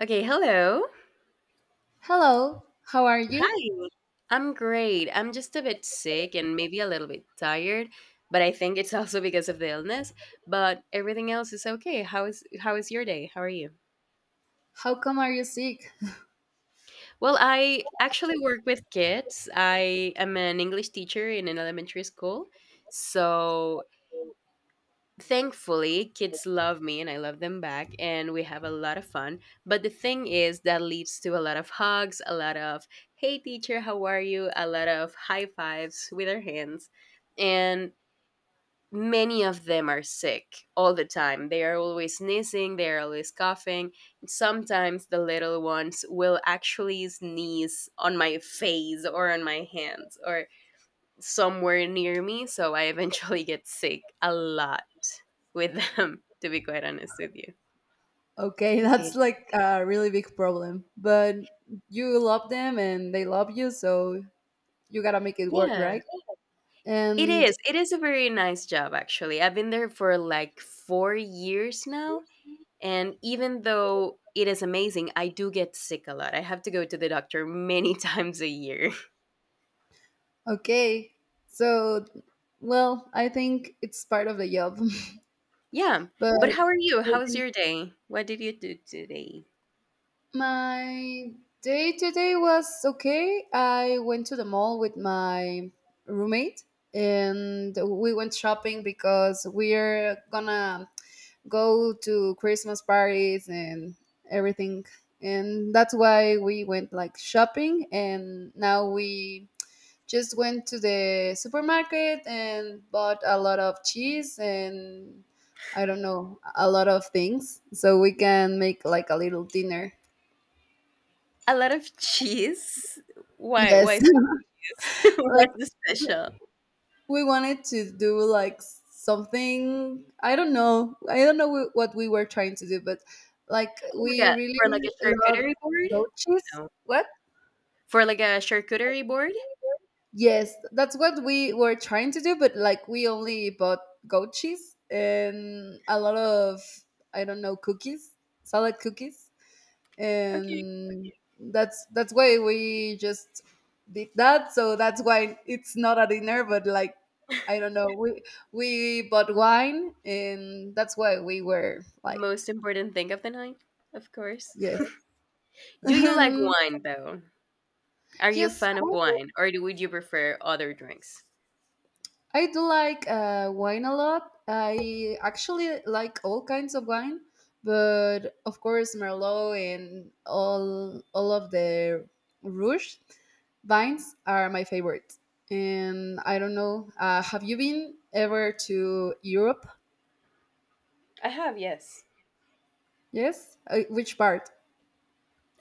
Okay, hello. Hello, how are you? Hi. I'm great. I'm just a bit sick and maybe a little bit tired, but I think it's also because of the illness, but everything else is okay. How is your day? How are you? How come are you sick? Well, I actually work with kids. I am an English teacher in an elementary school. So, thankfully kids love me and I love them back and we have a lot of fun, but the thing is that leads to a lot of hugs, a lot of hey teacher how are you, a lot of high fives with our hands, and many of them are sick all the time. They are always sneezing, they are always coughing. Sometimes the little ones will actually sneeze on my face or on my hands or somewhere near me. So I eventually get sick a lot with them, to be quite honest with you. Okay, that's See. like a really big problem. But you love them and they love you, so you gotta make it work, Yeah. right? It And is. It is a very nice job, actually. I've been there for like 4 years now. And even though it is amazing, I do get sick a lot. I have to go to the doctor many times a year. okay, so, well, I think it's part of the job. Yeah. But But how are you? How's your day? What did you do today? my day today was okay. I went to the mall with my roommate and we went shopping because we're gonna go to Christmas parties and everything. And that's why we went like shopping and now we just went to the supermarket and bought a lot of cheese and I don't know, a lot of things so we can make like a little dinner. A lot of cheese? Why Yes. why so cheese? Like What's special? we wanted to do like something. I don't know what we were trying to do, but like Like we a, really for like a love charcuterie board? goat cheese. No. What? For like a charcuterie board? Yes, that's what we were trying to do, but like we only bought goat cheese and a lot of, I don't know, cookies, salad cookies. Okay. And that's why we just did that, so that's why it's not a dinner, but like, I don't know, we bought wine and that's why we were The like, most important thing of the night, of course. yes. Do you like And wine though? Are you a yes, fan of wine or would you prefer other drinks? I do like wine a lot. I actually like all kinds of wine, but of course Merlot and all of the Rouge vines are my favorite. And I don't know, have you been ever to Europe? I have, yes. Yes. Which part?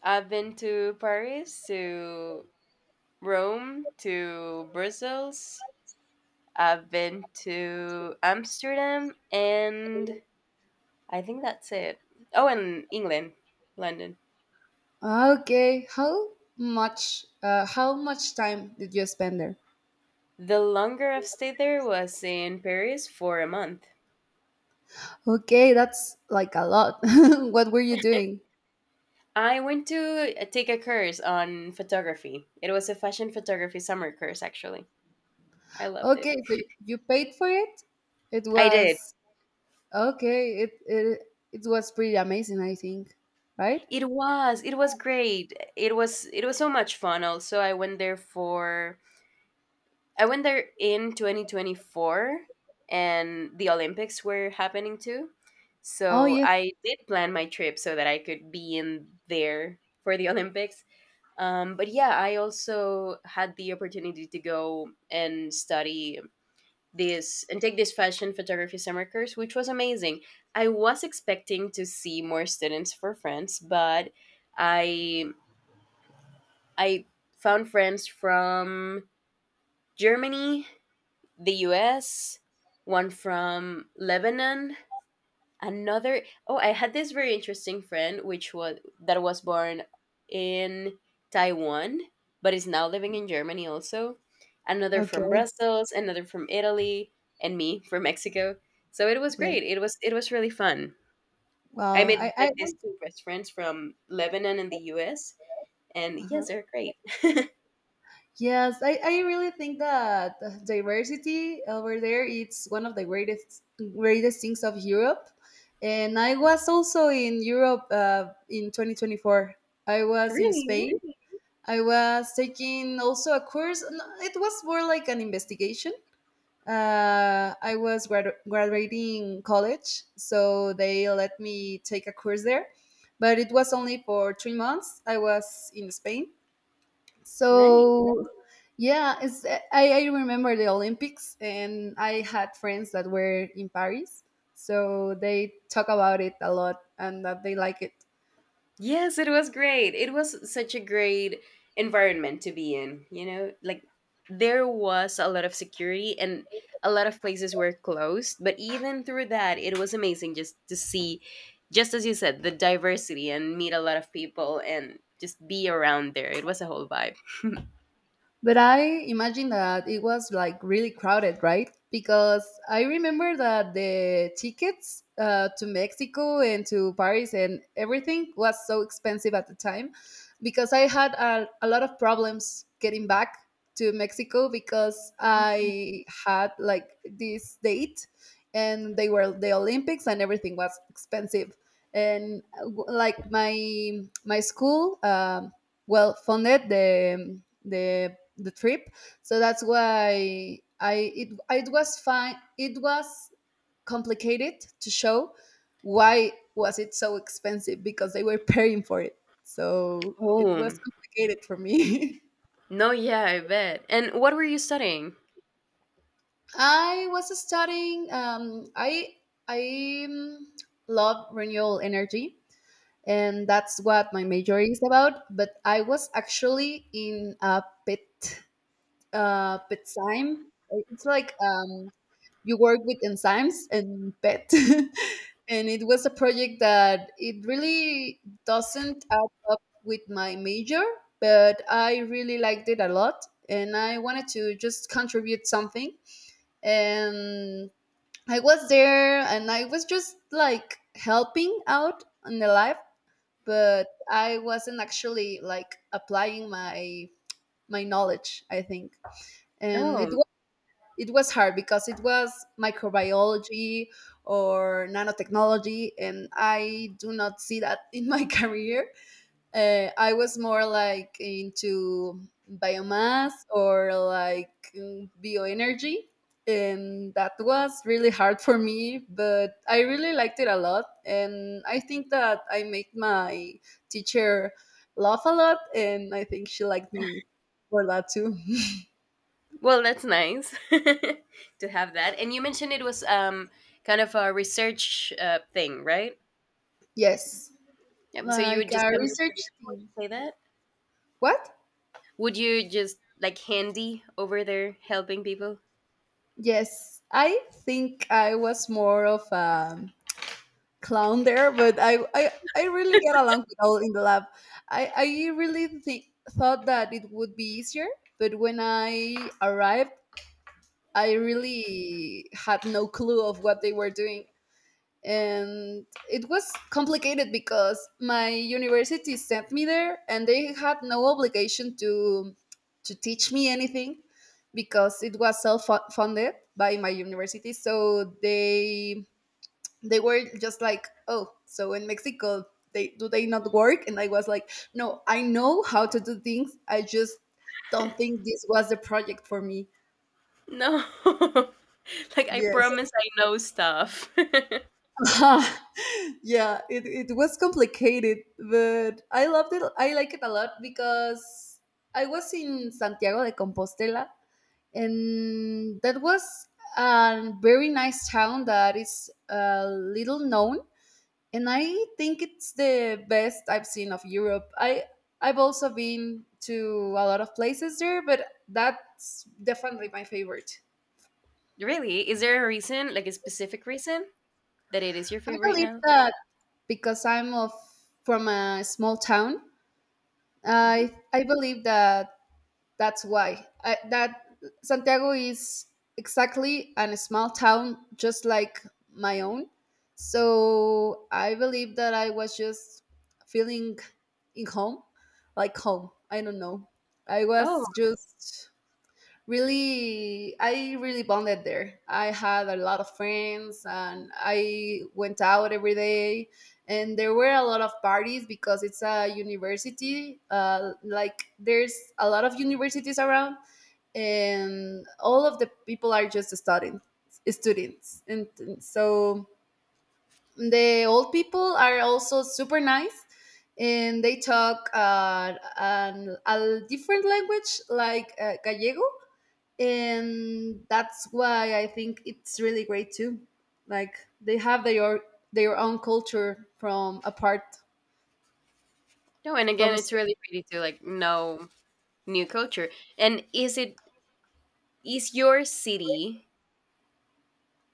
I've been to Paris, to Rome, to Brussels. I've been to Amsterdam and I think that's it. Oh, and England, London. Okay. How much time did you spend there? The longer I've stayed there was in Paris for a month. Okay, that's like a lot. What were you doing? I went to take a course on photography. It was a fashion photography summer course actually. I loved it. Okay, so you paid for it? It I did. was okay. It was pretty amazing, I think, right? It was great. It was so much fun also. I went there in 2024 and the Olympics were happening too. Oh So yes. I did plan my trip so that I could be in there for the Olympics. But yeah, I also had the opportunity to go and study this and take this fashion photography summer course, which was amazing. I was expecting to see more students for France, but I I found friends from Germany, the US, one from Lebanon, another, I had this very interesting friend which was that was born in Taiwan but is now living in Germany also, another from Okay. Brussels, another from Italy, and me from Mexico. So it was Yeah. great, it was really fun. I Well, made like I these two best friends from Lebanon and the US, and uh yes, they're great. yes, I really think that diversity over there, it's one of the greatest things of Europe, and I was also in Europe in 2024. I was in Really Spain. I was taking also a course. No, it was more like an investigation. I was graduating college, so they let me take a course there, but it was only for 3 months. I was in Spain, nice. so yeah, I remember the Olympics, and I had friends that were in Paris, so they talk about it a lot and that they like it. Yes, it was great. It was such a great environment to be in, you know? Like there was a lot of security and a lot of places were closed, but even through that, it was amazing just to see, just as you said, the diversity and meet a lot of people and just be around there. It was a whole vibe. But I imagine that it was like really crowded, right? Because I remember that the tickets to Mexico and to Paris and everything was so expensive at the time because I had a lot of problems getting back to Mexico because Mhm. I had like this date and they were the Olympics and everything was expensive. And like my school, well, funded the trip, so that's why it was fine. It was complicated to show why was it so expensive because they were paying for it, so it was Oh. complicated for me. No, yeah, I bet. And what were you studying? I was studying, I love renewable energy, and that's what my major is about, but I was actually in a pet. Petzyme. It's like, you work with enzymes and pet. And it was a project that it really doesn't add up with my major, but I really liked it a lot. And I wanted to just contribute something. And I was there and I was just like helping out in the life, but I wasn't actually like applying my knowledge, I think, and it Oh. it was hard because it was microbiology or nanotechnology, and I do not see that in my career. Uh, I was more like into biomass or like, bioenergy, and that was really hard for me, but I really liked it a lot, and I think that I made my teacher laugh a lot, and I think she liked me for that too. Well, that's nice to have that. And you mentioned it was kind of a research thing, right? Yes, Yep. So you like would just a come and research thing. say that? What? Would you just like handy over there helping people? Yes, I think I was more of a clown there, but I really get along with all in the lab. I really thought that it would be easier, but when I arrived, I really had no clue of what they were doing. And it was complicated because my university sent me there, and they had no obligation to teach me anything, because it was self-funded by my university. So they were just like, oh, so in Mexico they do they not work? And I was like, no, I know how to do things, I just don't think this was the project for me. No. Like, I promise I know stuff. Yes. Yeah, it was complicated, but I loved it. I like it a lot because I was in Santiago de Compostela, and that was a very nice town that is a little known, and I think it's the best I've seen of Europe. I've also been to a lot of places there, but that's definitely my favorite. Really? Is there a reason, like a specific reason, that it is your I favorite right believe now? that because I'm of from a small town, Hmm. I believe that, that's why I, that Santiago is exactly a small town just like my own. So I believe that I was just feeling in home, like home. I don't know. I was Oh, just really bonded there. I had a lot of friends and I went out every day, and there were a lot of parties because it's a university, like there's a lot of universities around, and all of the people are just studying students, and so the old people are also super nice, and they talk, a different language like, gallego, and that's why I think it's really great too. Like they have their own culture from apart no. And from again, a it's state. really pretty to like know new culture. And is it, is your city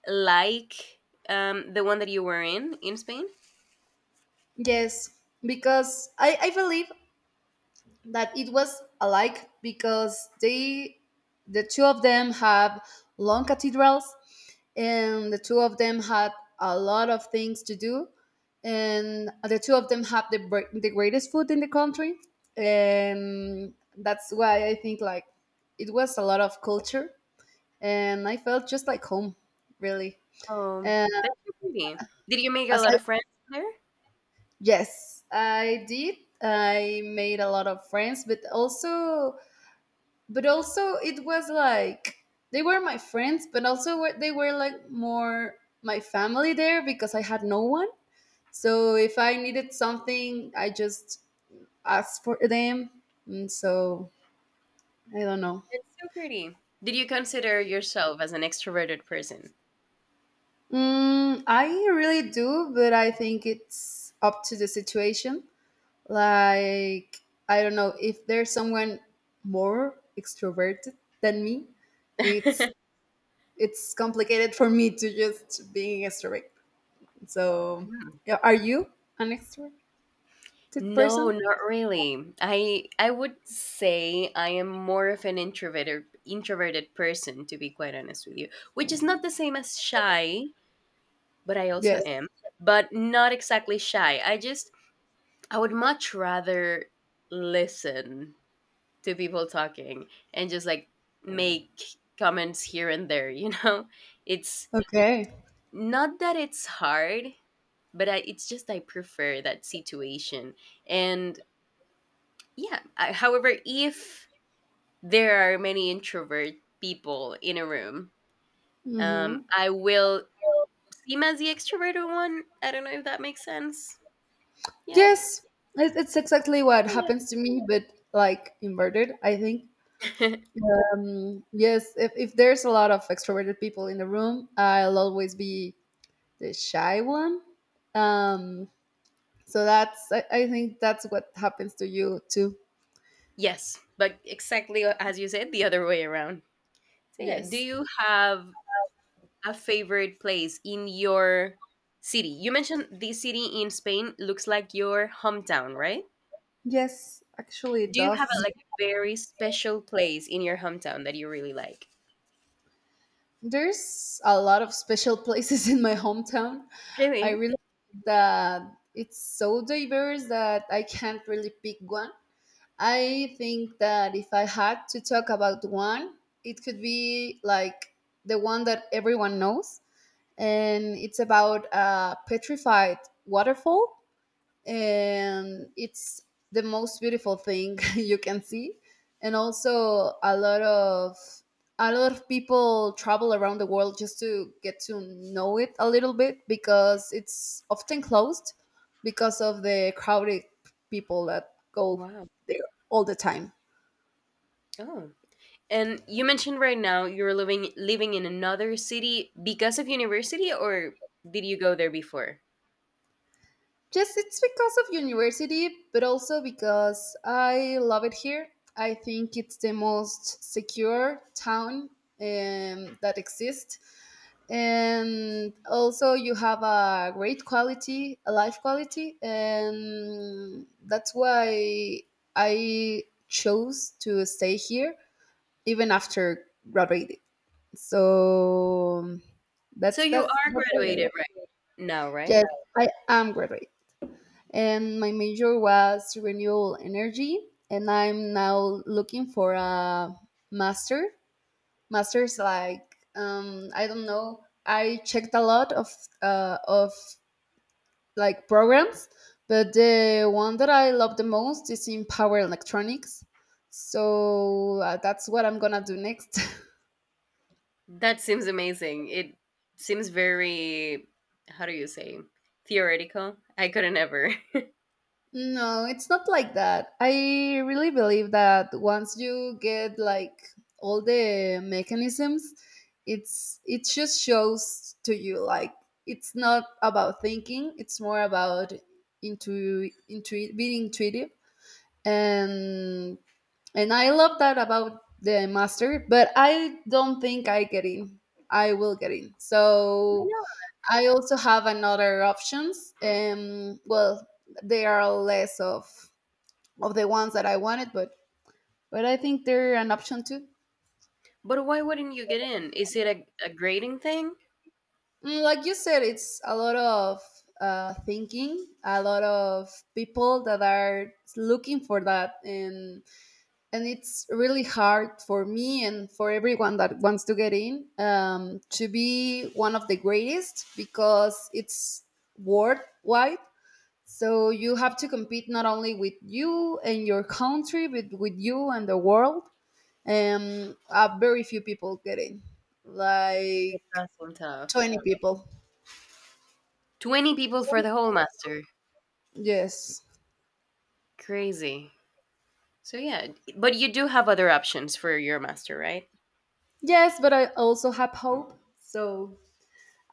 like the one that you were in Spain? Yes, because I believe that it was alike because the two of them have long cathedrals, and the two of them had a lot of things to do, and the two of them have the greatest food in the country, and that's why I think, like, it was a lot of culture, and I felt just like home, really. Oh, And that's so pretty. Did you make a as lot I of friends there? yes, I did. I made a lot of friends, but also it was like they were my friends, but also they were like more my family there, because I had no one, so if I needed something, I just asked for them. And so, I don't know. That's so pretty. Did you consider yourself as an extroverted person? Mm, I really do, but I think it's up to the situation. Like, I don't know if there's someone more extroverted than me. It's it's complicated for me to just being extrovert. So, Mm. yeah, are you an extroverted No, person? not really. I would say I am more of an introverted person to be quite honest with you, which is not the same as shy, but I also Yes. am, but not exactly shy. I just, I would much rather listen to people talking and just like make comments here and there, you know. It's Okay. not that it's hard, but I, it's just I prefer that situation. And yeah, I, however, if there are many introvert people in a room, Mm-hmm. I will seem as the extroverted one. I don't know if that makes sense. Yeah. Yes, it's exactly what happens to me, but like inverted, I think. Kinda. Yes, if there's a lot of extroverted people in the room, I'll always be the shy one. Um, so that's, I think that's what happens to you too. Yes, but exactly as you said, the other way around. So yeah, do Yes. you have a favorite place in your city? You mentioned this city in Spain looks like your hometown, right? Yes, actually, it Do you have a, does. like a very special place in your hometown that you really like? There's a lot of special places in my hometown. I Really? realized that it's so diverse that I can't really pick one. I think that if I had to talk about one, it could be like the one that everyone knows, and it's about a petrified waterfall, and it's the most beautiful thing you can see. And also, a lot of people travel around the world just to get to know it a little bit, because it's often closed because of the crowded people that go Wow. there all the time. Oh. And you mentioned right now you're living in another city because of university, or did you go there before? Just, it's because of university, but also because I love it here. I think it's the most secure town, that exists. And also, you have a great quality, a life quality, and that's why I chose to stay here even after graduating. So, So that's you that's are that's why I graduated love. right now, Yes, right? I am graduate, and my major was renewable energy, and I'm now looking for a master masters. Like, I don't know, I checked a lot of like programs, but the one that I love the most is in power electronics. So, that's what I'm gonna do next. That seems amazing. It seems very, how do you say? Theoretical. I couldn't ever. I. No, it's not like that. I really believe that once you get like all the mechanisms, it just shows to you, like, it's not about thinking, it's more about being intuitive, and I love that about the master, but I don't think I get in. I will get in. So I also have another options. Well, they are less of the ones that I wanted, but I think they're an option too. But why wouldn't you get in? Is it a grading thing? Like you said, it's a lot of thinking, a lot of people that are looking for that, and it's really hard for me and for everyone that wants to get in, to be one of the greatest, because it's worldwide. So you have to compete not only with you and your country, but with you and the world. Very few people get in, It like does seem tough. 20 people. 20 people for the whole master. yes Crazy. So, yeah, but you do have other options for your master, right? yes, but I also have hope, so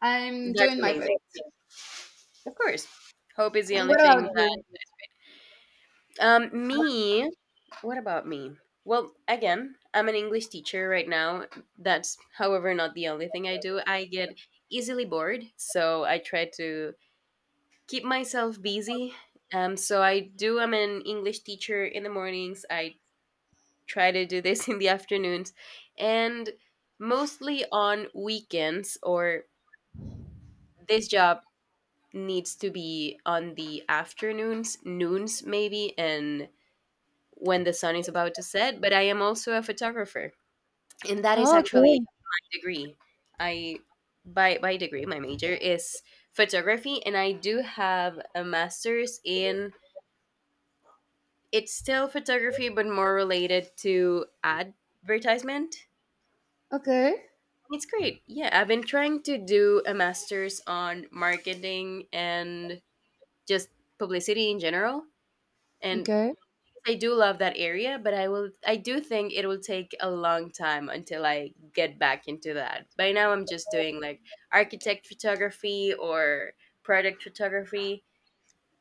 I'm That's doing my best. amazing. Of course. Hope is the And only what thing about that. you? Me, what about me? Well, again, I'm an English teacher right now. That's, however, not the only thing I do. I get easily bored, so I try to keep myself busy. So I do. I'm an English teacher in the mornings. I try to do this in the afternoons, and mostly on weekends. Or this job needs to be on the afternoons, noons maybe, and when the sun is about to set. But I am also a photographer, and that is Oh, actually my degree. I, by degree, my major is photography, and I do have a master's in, it's still photography, but more related to advertisement. okay It's great. Yeah, I've been trying to do a master's on marketing and just publicity in general. And okay I do love that area, but I will, I do think it will take a long time until I get back into that. By now I'm just doing like architect photography or product photography.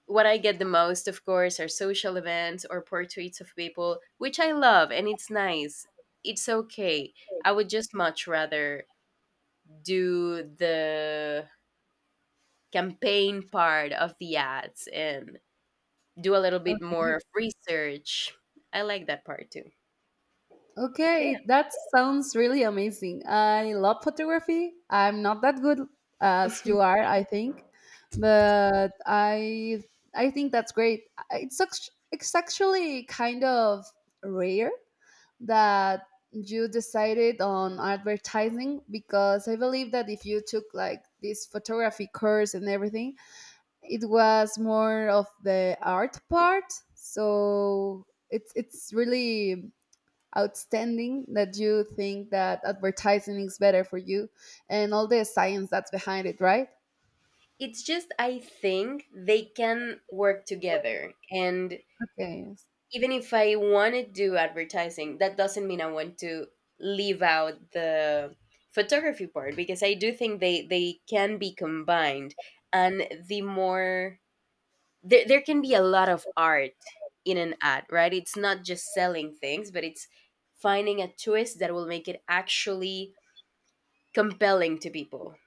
What I get the most, of course, are social events or portraits of people, which I love and it's nice. It's okay. I would just much rather do the campaign part of the ads and do a little bit more okay of research. I like that part too. So, yeah. okay. That sounds really amazing. I love photography. I'm not that good as you are, I think, but I think that's great. It's actually kind of rare that you decided on advertising, because I believe that if you took like this photography course and everything, it was more of the art part. So it's really outstanding that you think that advertising is better for you and all the science that's behind it, right? It's just, I think they can work together. And Okay. even if I want to do advertising, that doesn't mean I want to leave out the photography part, because I do think they can be combined, and the more, there can be a lot of art in an ad, right? It's not just selling things, but it's finding a twist that will make it actually compelling to people.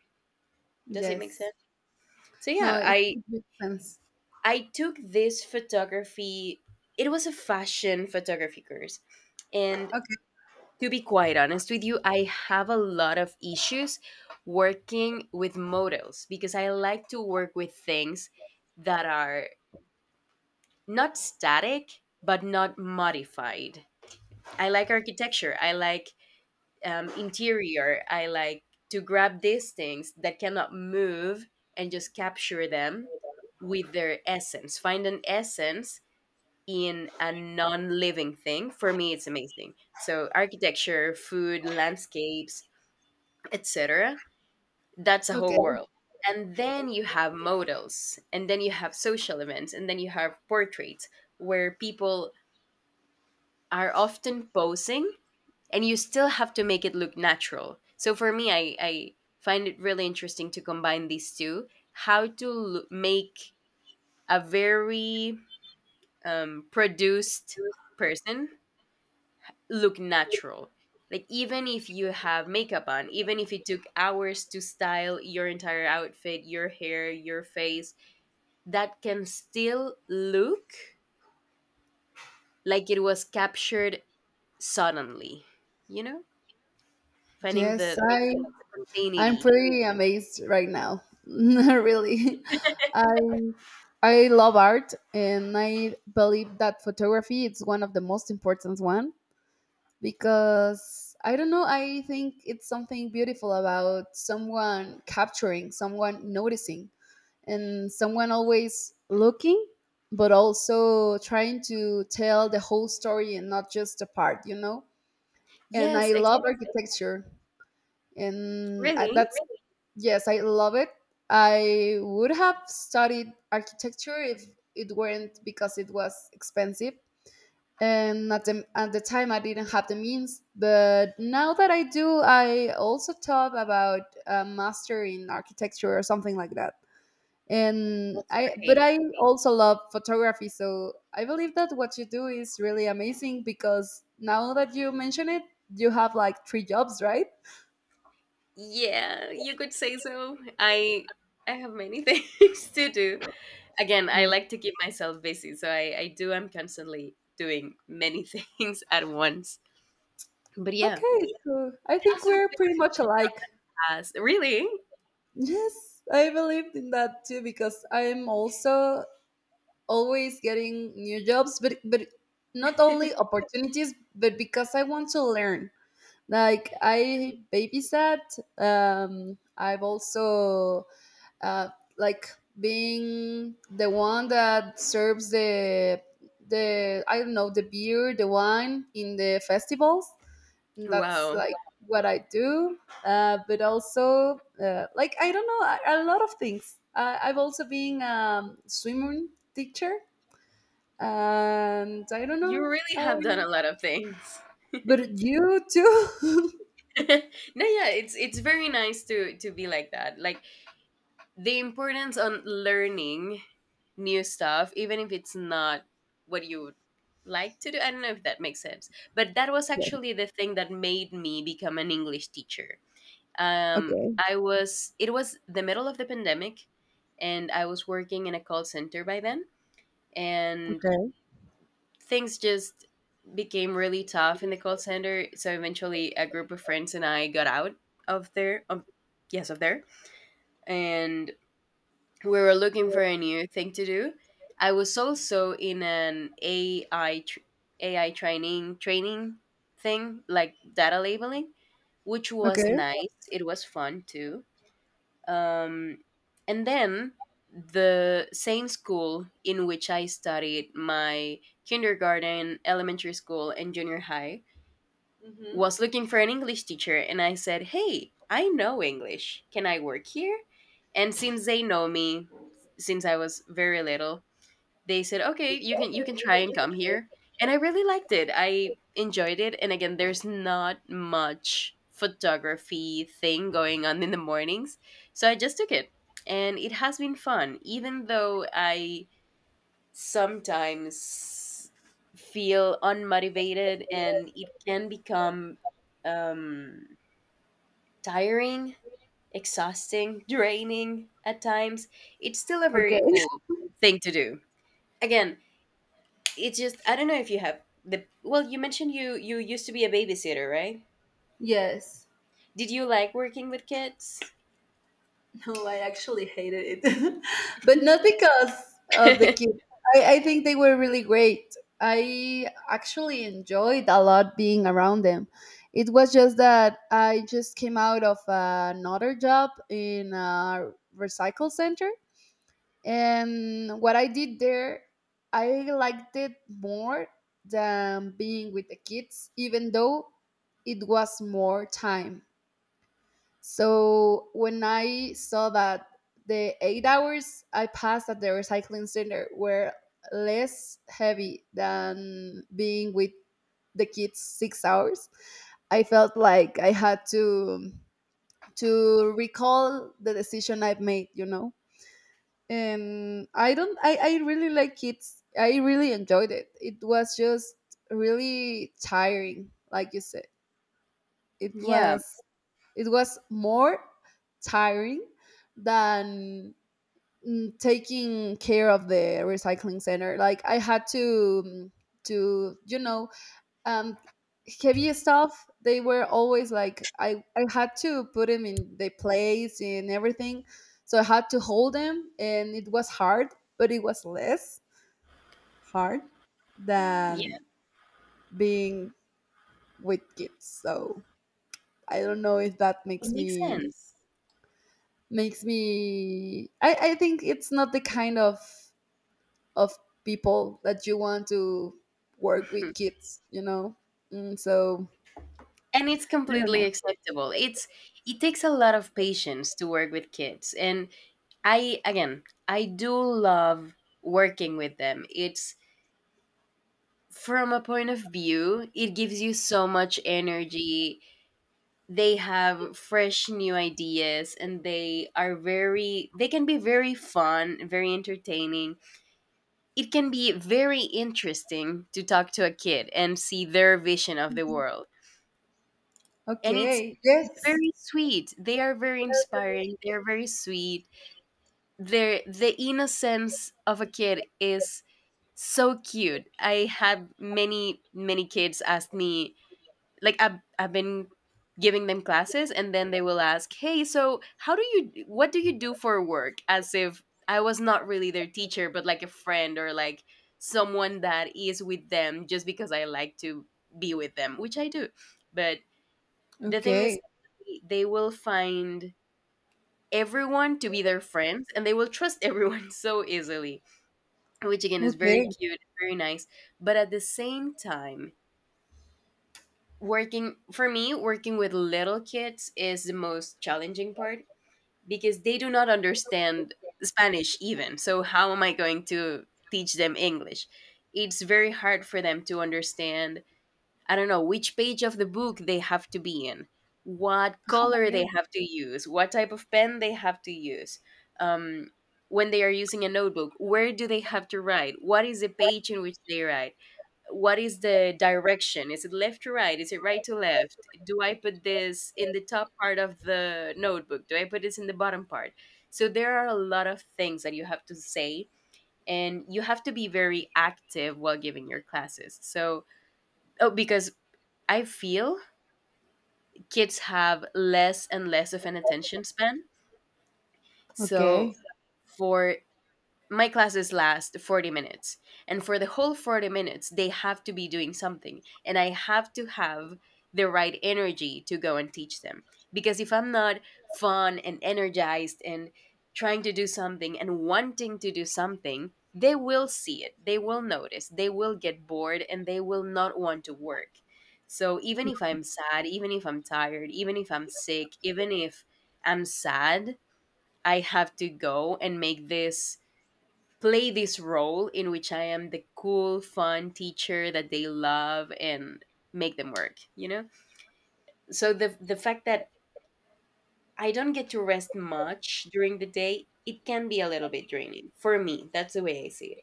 Does it make Yes. sense? So No, yeah, I it makes sense. I took this photography. It was a fashion photography course and, Okay. to be quite honest with you, I have a lot of issues working with modals because I like to work with things that are not static but not modified. I like architecture, I like interior, I like to grab these things that cannot move and just capture them with their essence. Find an essence in a non living thing. For me, it's amazing. So, architecture, food, landscapes, etc. That's a Okay. whole world. And then you have models, and then you have social events, and then you have portraits where people are often posing, and you still have to make it look natural. So for me, I find it really interesting to combine these two, how to make a very produced person look natural. Like even if you have makeup on, even if it took hours to style your entire outfit, your hair, your face, that can still look like it was captured suddenly. You know? Finding Yes, the I'm spontaneity. pretty amazed right now. Really. I I love art, and I believe that photography is one of the most important one, because I don't know, I think it's something beautiful about someone capturing, someone noticing, and someone always looking, but also trying to tell the whole story and not just a part, you know? And Yes, I love exactly. architecture, Really? that's— Yes, I love it. I would have studied architecture if it weren't because it was expensive. And at the time, I didn't have the means. But now that I do, I also thought about a master in architecture or something like that. And That's I, but great. I also love photography. So I believe that what you do is really amazing, because now that you mention it, you have like three jobs, right? Yeah, you could say so. I have many things to do. Again, I Yeah. like to keep myself busy, so I do. I'm constantly doing many things at once. But yeah, and Okay, so I think also we're pretty much photography alike. class. Really? Yes, I believed in that too because I'm also always getting new jobs, but not only opportunities, but because I want to learn. Like I babysat. I've also uh, like being the one that serves the I don't know, the beer, the wine in the festivals, and that's Wow, like what I do. But also, like I don't know, a lot of things. I've also been swimming teacher, and I don't you know. really I— have done a lot of things. but you too. No, yeah, it's very nice to be like that. Like the importance on learning new stuff, even if it's not what you would like to do. I don't know if that makes sense, but that was Yes. actually the thing that made me become an English teacher. Okay. I was It was the middle of the pandemic, and I was working in a call center by then. And Okay. things just became really tough in the call center, so eventually a group of friends and I got out of there. Yes, of there. And we were looking for a new thing to do. I was also in an AI training thing, like data labeling, which was Okay. nice. It was fun too. Um, and then the same school in which I studied my kindergarten, elementary school, and junior high was looking for an English teacher. And I said, "Hey, I know English. Can I work here?" And since they know me since I was very little, they said, "Okay, you can try and come here." And I really liked it. I enjoyed it. And again, there's not much photography thing going on in the mornings. So I just took it. And it has been fun, even though I sometimes feel unmotivated, and it can become um, tiring, exhausting, draining at times. It's still a very Okay. cool thing to do. Again, it's just, I don't know if you have the, well, you mentioned you used to be a babysitter, right? Yes. Did you like working with kids? Oh, I actually hated it, but not because of the Yeah. kids. I think they were really great. I actually enjoyed a lot being around them. It was just that I just came out of another job in a recycle center. And what I did there, I liked it more than being with the kids, even though it was more time. So when I saw that the 8 hours I passed at the recycling center were less heavy than being with the kids 6 hours, I felt like I had to recall the decision I've made, you know. And I don't I really like kids. I really enjoyed it. It was just really tiring, like you said. It Yeah. was it was more tiring than taking care of the recycling center. Like I had to, you know, um, heavy stuff. They were always like— I had to put them in the place and everything, so I had to hold them, and it was hard, but it was less hard than Yeah, being with kids. So I don't know if that it makes makes me— sense. makes me— I think it's not the kind of people that you want to work with Mhm. kids, you know. So— And it's i don't completely know acceptable. It's it takes a lot of patience to work with kids. And I again, I do love working with them. It's, from a point of view, it gives you so much energy. They have fresh new ideas, and they are very, they can be very fun, very entertaining. It can be very interesting to talk to a kid and see their vision of the Mhm. world. And Okay, it's yes. very sweet. They are very inspiring, they are very sweet. The innocence of a kid is so cute. I have many, many kids ask me, like, I've been giving them classes, and then they will ask, "Hey, so how do you, what do you do for work?" As if I was not really their teacher, but like a friend, or like someone that is with them just because I like to be with them, which I do. But the thing is, okay they will find everyone to be their friends, and they will trust everyone so easily, which again is very okay cute, very nice. But at the same time, working for me working with little kids is the most challenging part, because they do not understand Spanish even, so how am I going to teach them English? It's very hard for them to understand. I don't know which page of the book they have to be in, what color okay they have to use, what type of pen they have to use, um, when they are using a notebook, where do they have to write, what is the page in which they write, what is the direction, is it left to right, is it right to left, do I put this in the top part of the notebook, do I put this in the bottom part? So there are a lot of things that you have to say. And you have to be very active while giving your classes. So, oh, because I feel kids have less and less of an attention span. So okay for my classes last 40 minutes, and for the whole 40 minutes they have to be doing something, and I have to have the right energy to go and teach them. Because if I'm not fun and energized and trying to do something and wanting to do something, they will see it, they will notice, they will get bored, and they will not want to work. So even if I'm sad, even if I'm tired, even if I'm sick, even if I'm sad, I have to go and make this, play this role in which I am the cool, fun teacher that they love, and make them work, you know? So the fact that I don't get to rest much during the day, it can be a little bit draining for me. That's the way I see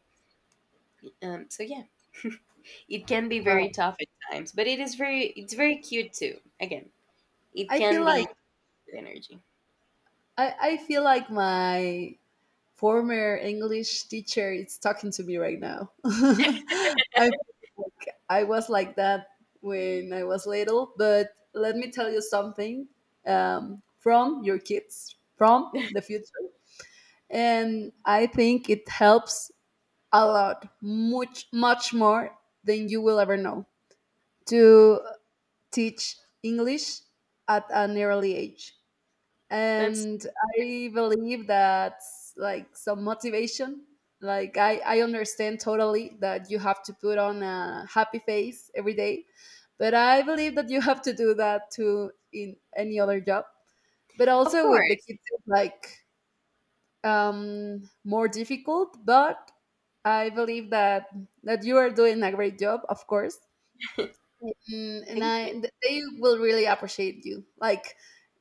it. So yeah, it can be very wow. tough at times, but it is very, it's very cute too. Again, it i feel can be like energy. I feel like my former English teacher is talking to me right now. I Like, I was like that when I was little, but let me tell you something, from your kids, from the future, and I think it helps a lot, much much more than you will ever know, to teach English at an early age. That's And I believe that, like, some motivation— like I understand totally that you have to put on a happy face every day, but I believe that you have to do that too in any other job. But of also with the course. kids, it's like more difficult. But I believe that that you are doing a great job, of course. Mm, and Thank you. They will really appreciate you, like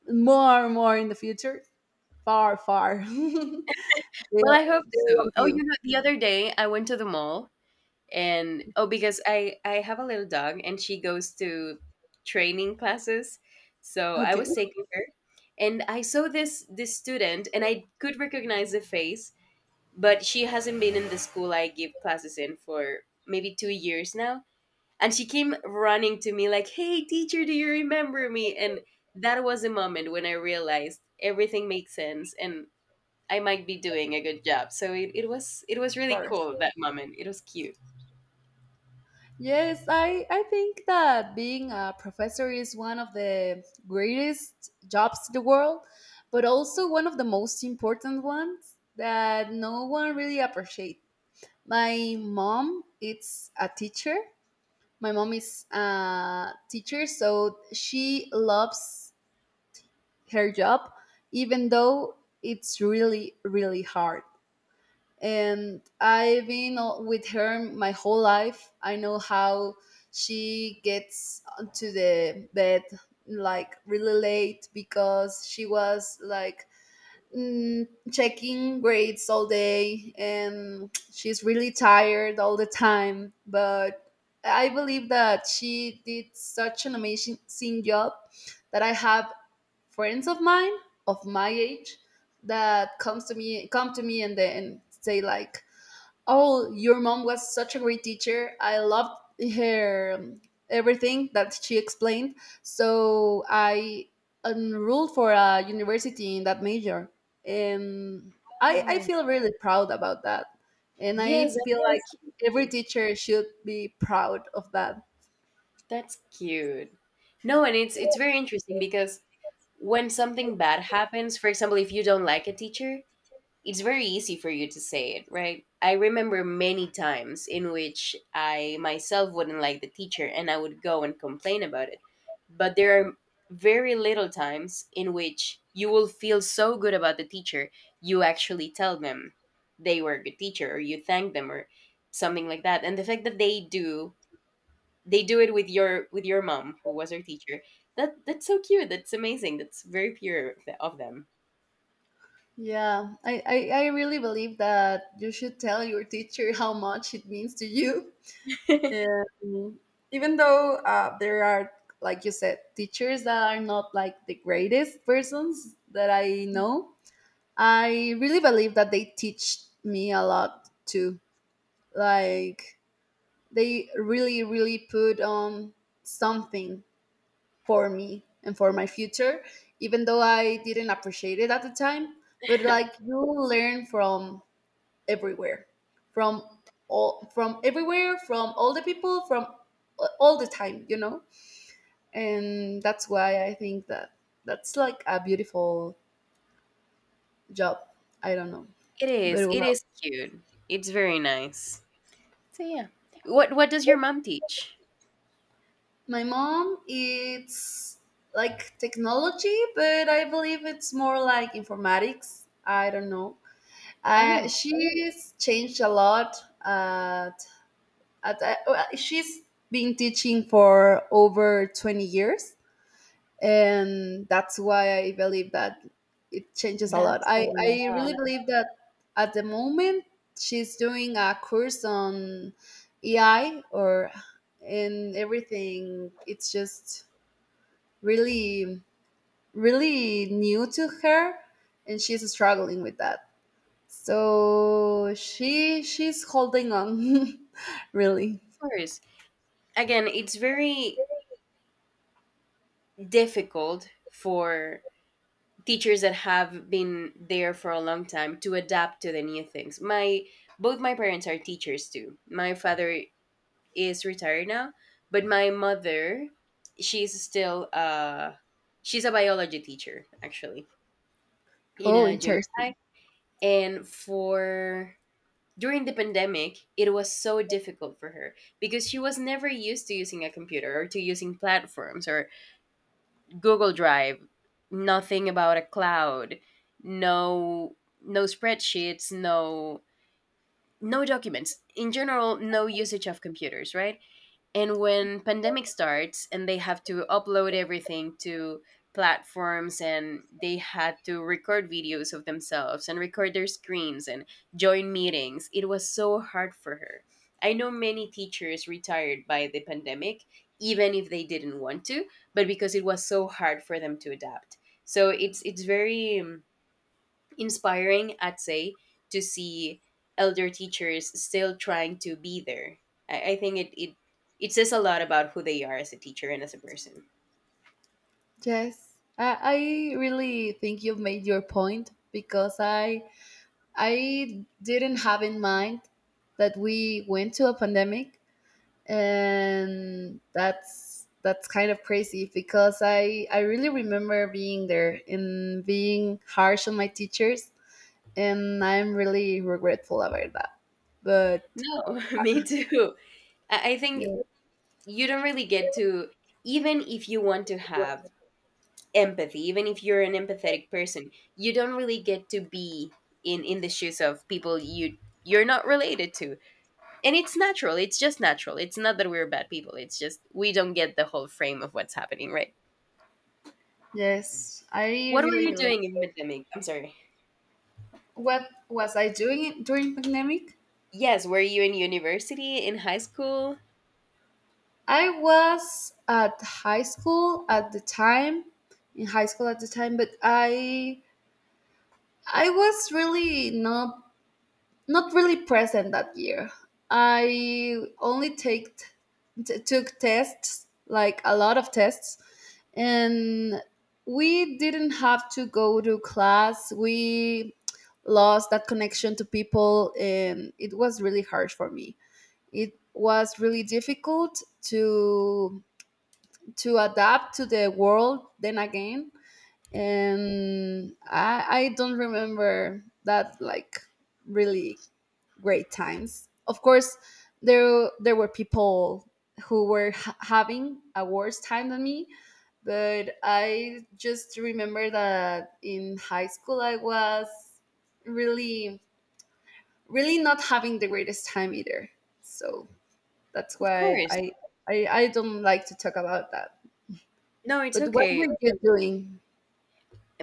more and more in the future. Far, far. they, Well, I hope they so. love Oh, you. you know, the other day I went to the mall and, oh, because I have a little dog and she goes to training classes, so I Okay, was taking her, and I saw this student, and I could recognize the face, but she hasn't been in the school I give classes in for maybe 2 years now. And she came running to me like, "Hey, teacher, do you remember me?" And that was a moment when I realized everything makes sense, and I might be doing a good job. So it was, it was of really course. cool, that moment, it was cute. Yes, I think that being a professor is one of the greatest jobs in the world, but also one of the most important ones that no one really appreciates. My mom is a teacher. My mom is a teacher, so she loves her job, even though it's really, really hard. And I've been with her my whole life. I know how she gets to the bed like really late because she was like, checking grades all day, and she's really tired all the time. But I believe that she did such an amazing amazing job that I have friends of mine of my age that come to me and then say like, oh, your mom was such a great teacher. I loved her, everything that she explained. So I enrolled for a university in that major, and I Oh. feel really proud about that. And Yes, I feel like that's so every cute. teacher should be proud of that. That's cute. No, and it's very interesting, because when something bad happens, for example, if you don't like a teacher, it's very easy for you to say it, right? I remember many times in which I myself wouldn't like the teacher and I would go and complain about it. But there are very little times in which you will feel so good about the teacher, you actually tell them they were a good teacher or you thank them or something like that. And the fact that they do, it with your, with your mom who was her teacher, that that's so cute, that's amazing, that's very pure of of them. Yeah, I really believe that you should tell your teacher how much it means to you. It Um, Even though there are, like you said, teachers that are not like the greatest persons that I know, I really believe that they teach me a lot too. Like they really, really put on something for me and for my future, even though I didn't appreciate it at the time. But like you learn from everywhere, from from everywhere, from all the people, from all the time, you know. And that's why I think that that's like a beautiful job. I don't know. Very is, it well. is cute, it's very nice. So yeah, what does your mom teach? My mom, it's like technology, but I believe it's more like informatics, I don't know. I know. She's changed a lot at, at she's been teaching for over 20 years, and that's why I believe that it changes a lot. That's a i lot. i Of really believe that. At the moment she's doing a course on AI or— and everything, it's just really really new to her, and she's struggling with that. So she's holding on really— course, again, it's very difficult for teachers that have been there for a long time to adapt to the new things. My, both my parents are teachers too. My father is retired now, but my mother, she's still, uh, she's a biology teacher, actually, in Oh, a junior interesting. high. And for during the pandemic, it was so difficult for her because she was never used to using a computer or to using platforms or Google Drive, nothing about a cloud, no, no spreadsheets, no, no documents. In general, no usage of computers, right? And when pandemic starts and they have to upload everything to platforms, and they had to record videos of themselves and record their screens and join meetings, it was so hard for her. I know many teachers retired by the pandemic even if they didn't want to, but because it was so hard for them to adapt. So it's very, inspiring, I'd say, to see elder teachers still trying to be there. I think it says a lot about who they are as a teacher and as a person. Yes, I really think you've made your point, because I didn't have in mind that we went to a pandemic, and that's kind of crazy, because I really remember being there and being harsh on my teachers, and I'm really regretful about that. But No, me too. I think yeah. you don't really get to, even if you want to have empathy, even if you're an empathetic person, you don't really get to be in the shoes of people you're not related to. And it's natural. It's just natural. It's not that we're bad people. It's just we don't get the whole frame of what's happening, right? Yes, I What were really you relate. doing in pandemic? I'm sorry. What was I doing during pandemic? Yes, were you in university, in high school? I was at high school at the time, in high school at the time, but I was really not not really present that year. I only took tests, like a lot of tests, and we didn't have to go to class. We lost that connection to people, and it was really hard for me. It was really difficult to adapt to the world then again. And I don't remember that like really great times. Of course, there were people who were having a worse time than me, but I just remember that in high school I was really really not having the greatest time either. So that's Of why course. I don't like to talk about that. No, it's But what okay. were you doing?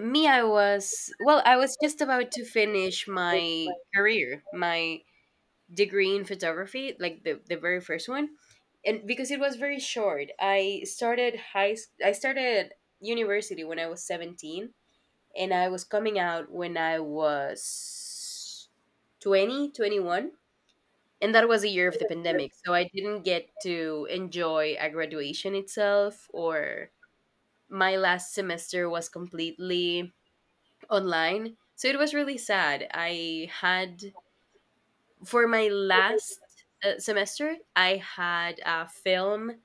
Me, I was, well, I was just about to finish my career, my degree in photography, like the very first one. And because it was very short, I started I started university when I was 17, and I was coming out when I was 20, 21. And that was a year of the pandemic, so I didn't get to enjoy a graduation itself. Or my last semester was completely online. So it was really sad. I had for my last semester, I had a film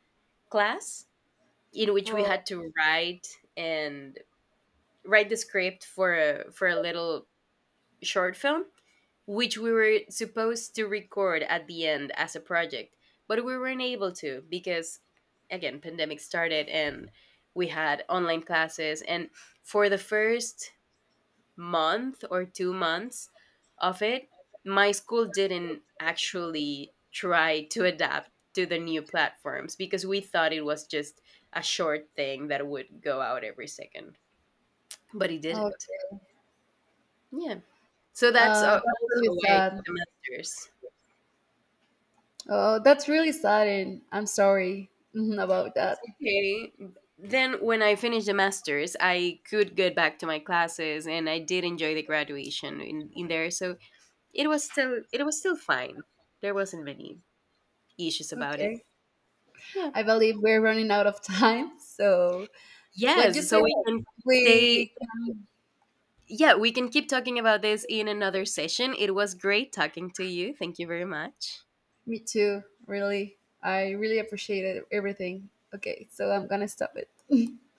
class in which we Oh. had to write and write the script for a, for a little short film, which we were supposed to record at the end as a project, but we weren't able to, because again, pandemic started, and we had online classes, and for the first month or 2 months of it, my school didn't actually try to adapt to the new platforms, because we thought it was just a short thing that would go out every second, but it Oh, didn't. Yeah. So that's, that's also really why I took sad. the masters. Oh, that's really sad, and I'm sorry about It's that. okay. Then when I finished the masters, I could get back to my classes and I did enjoy the graduation in there. So it was still, it was still fine. There wasn't many issues about it. Okay, Yeah. I believe we're running out of time. So, what you Yes, so said, we yes. can stay, We, yeah, we can keep talking about this in another session. It was great talking to you. Thank you very much. me too. Really, I really appreciated everything. Okay, so I'm gonna stop it.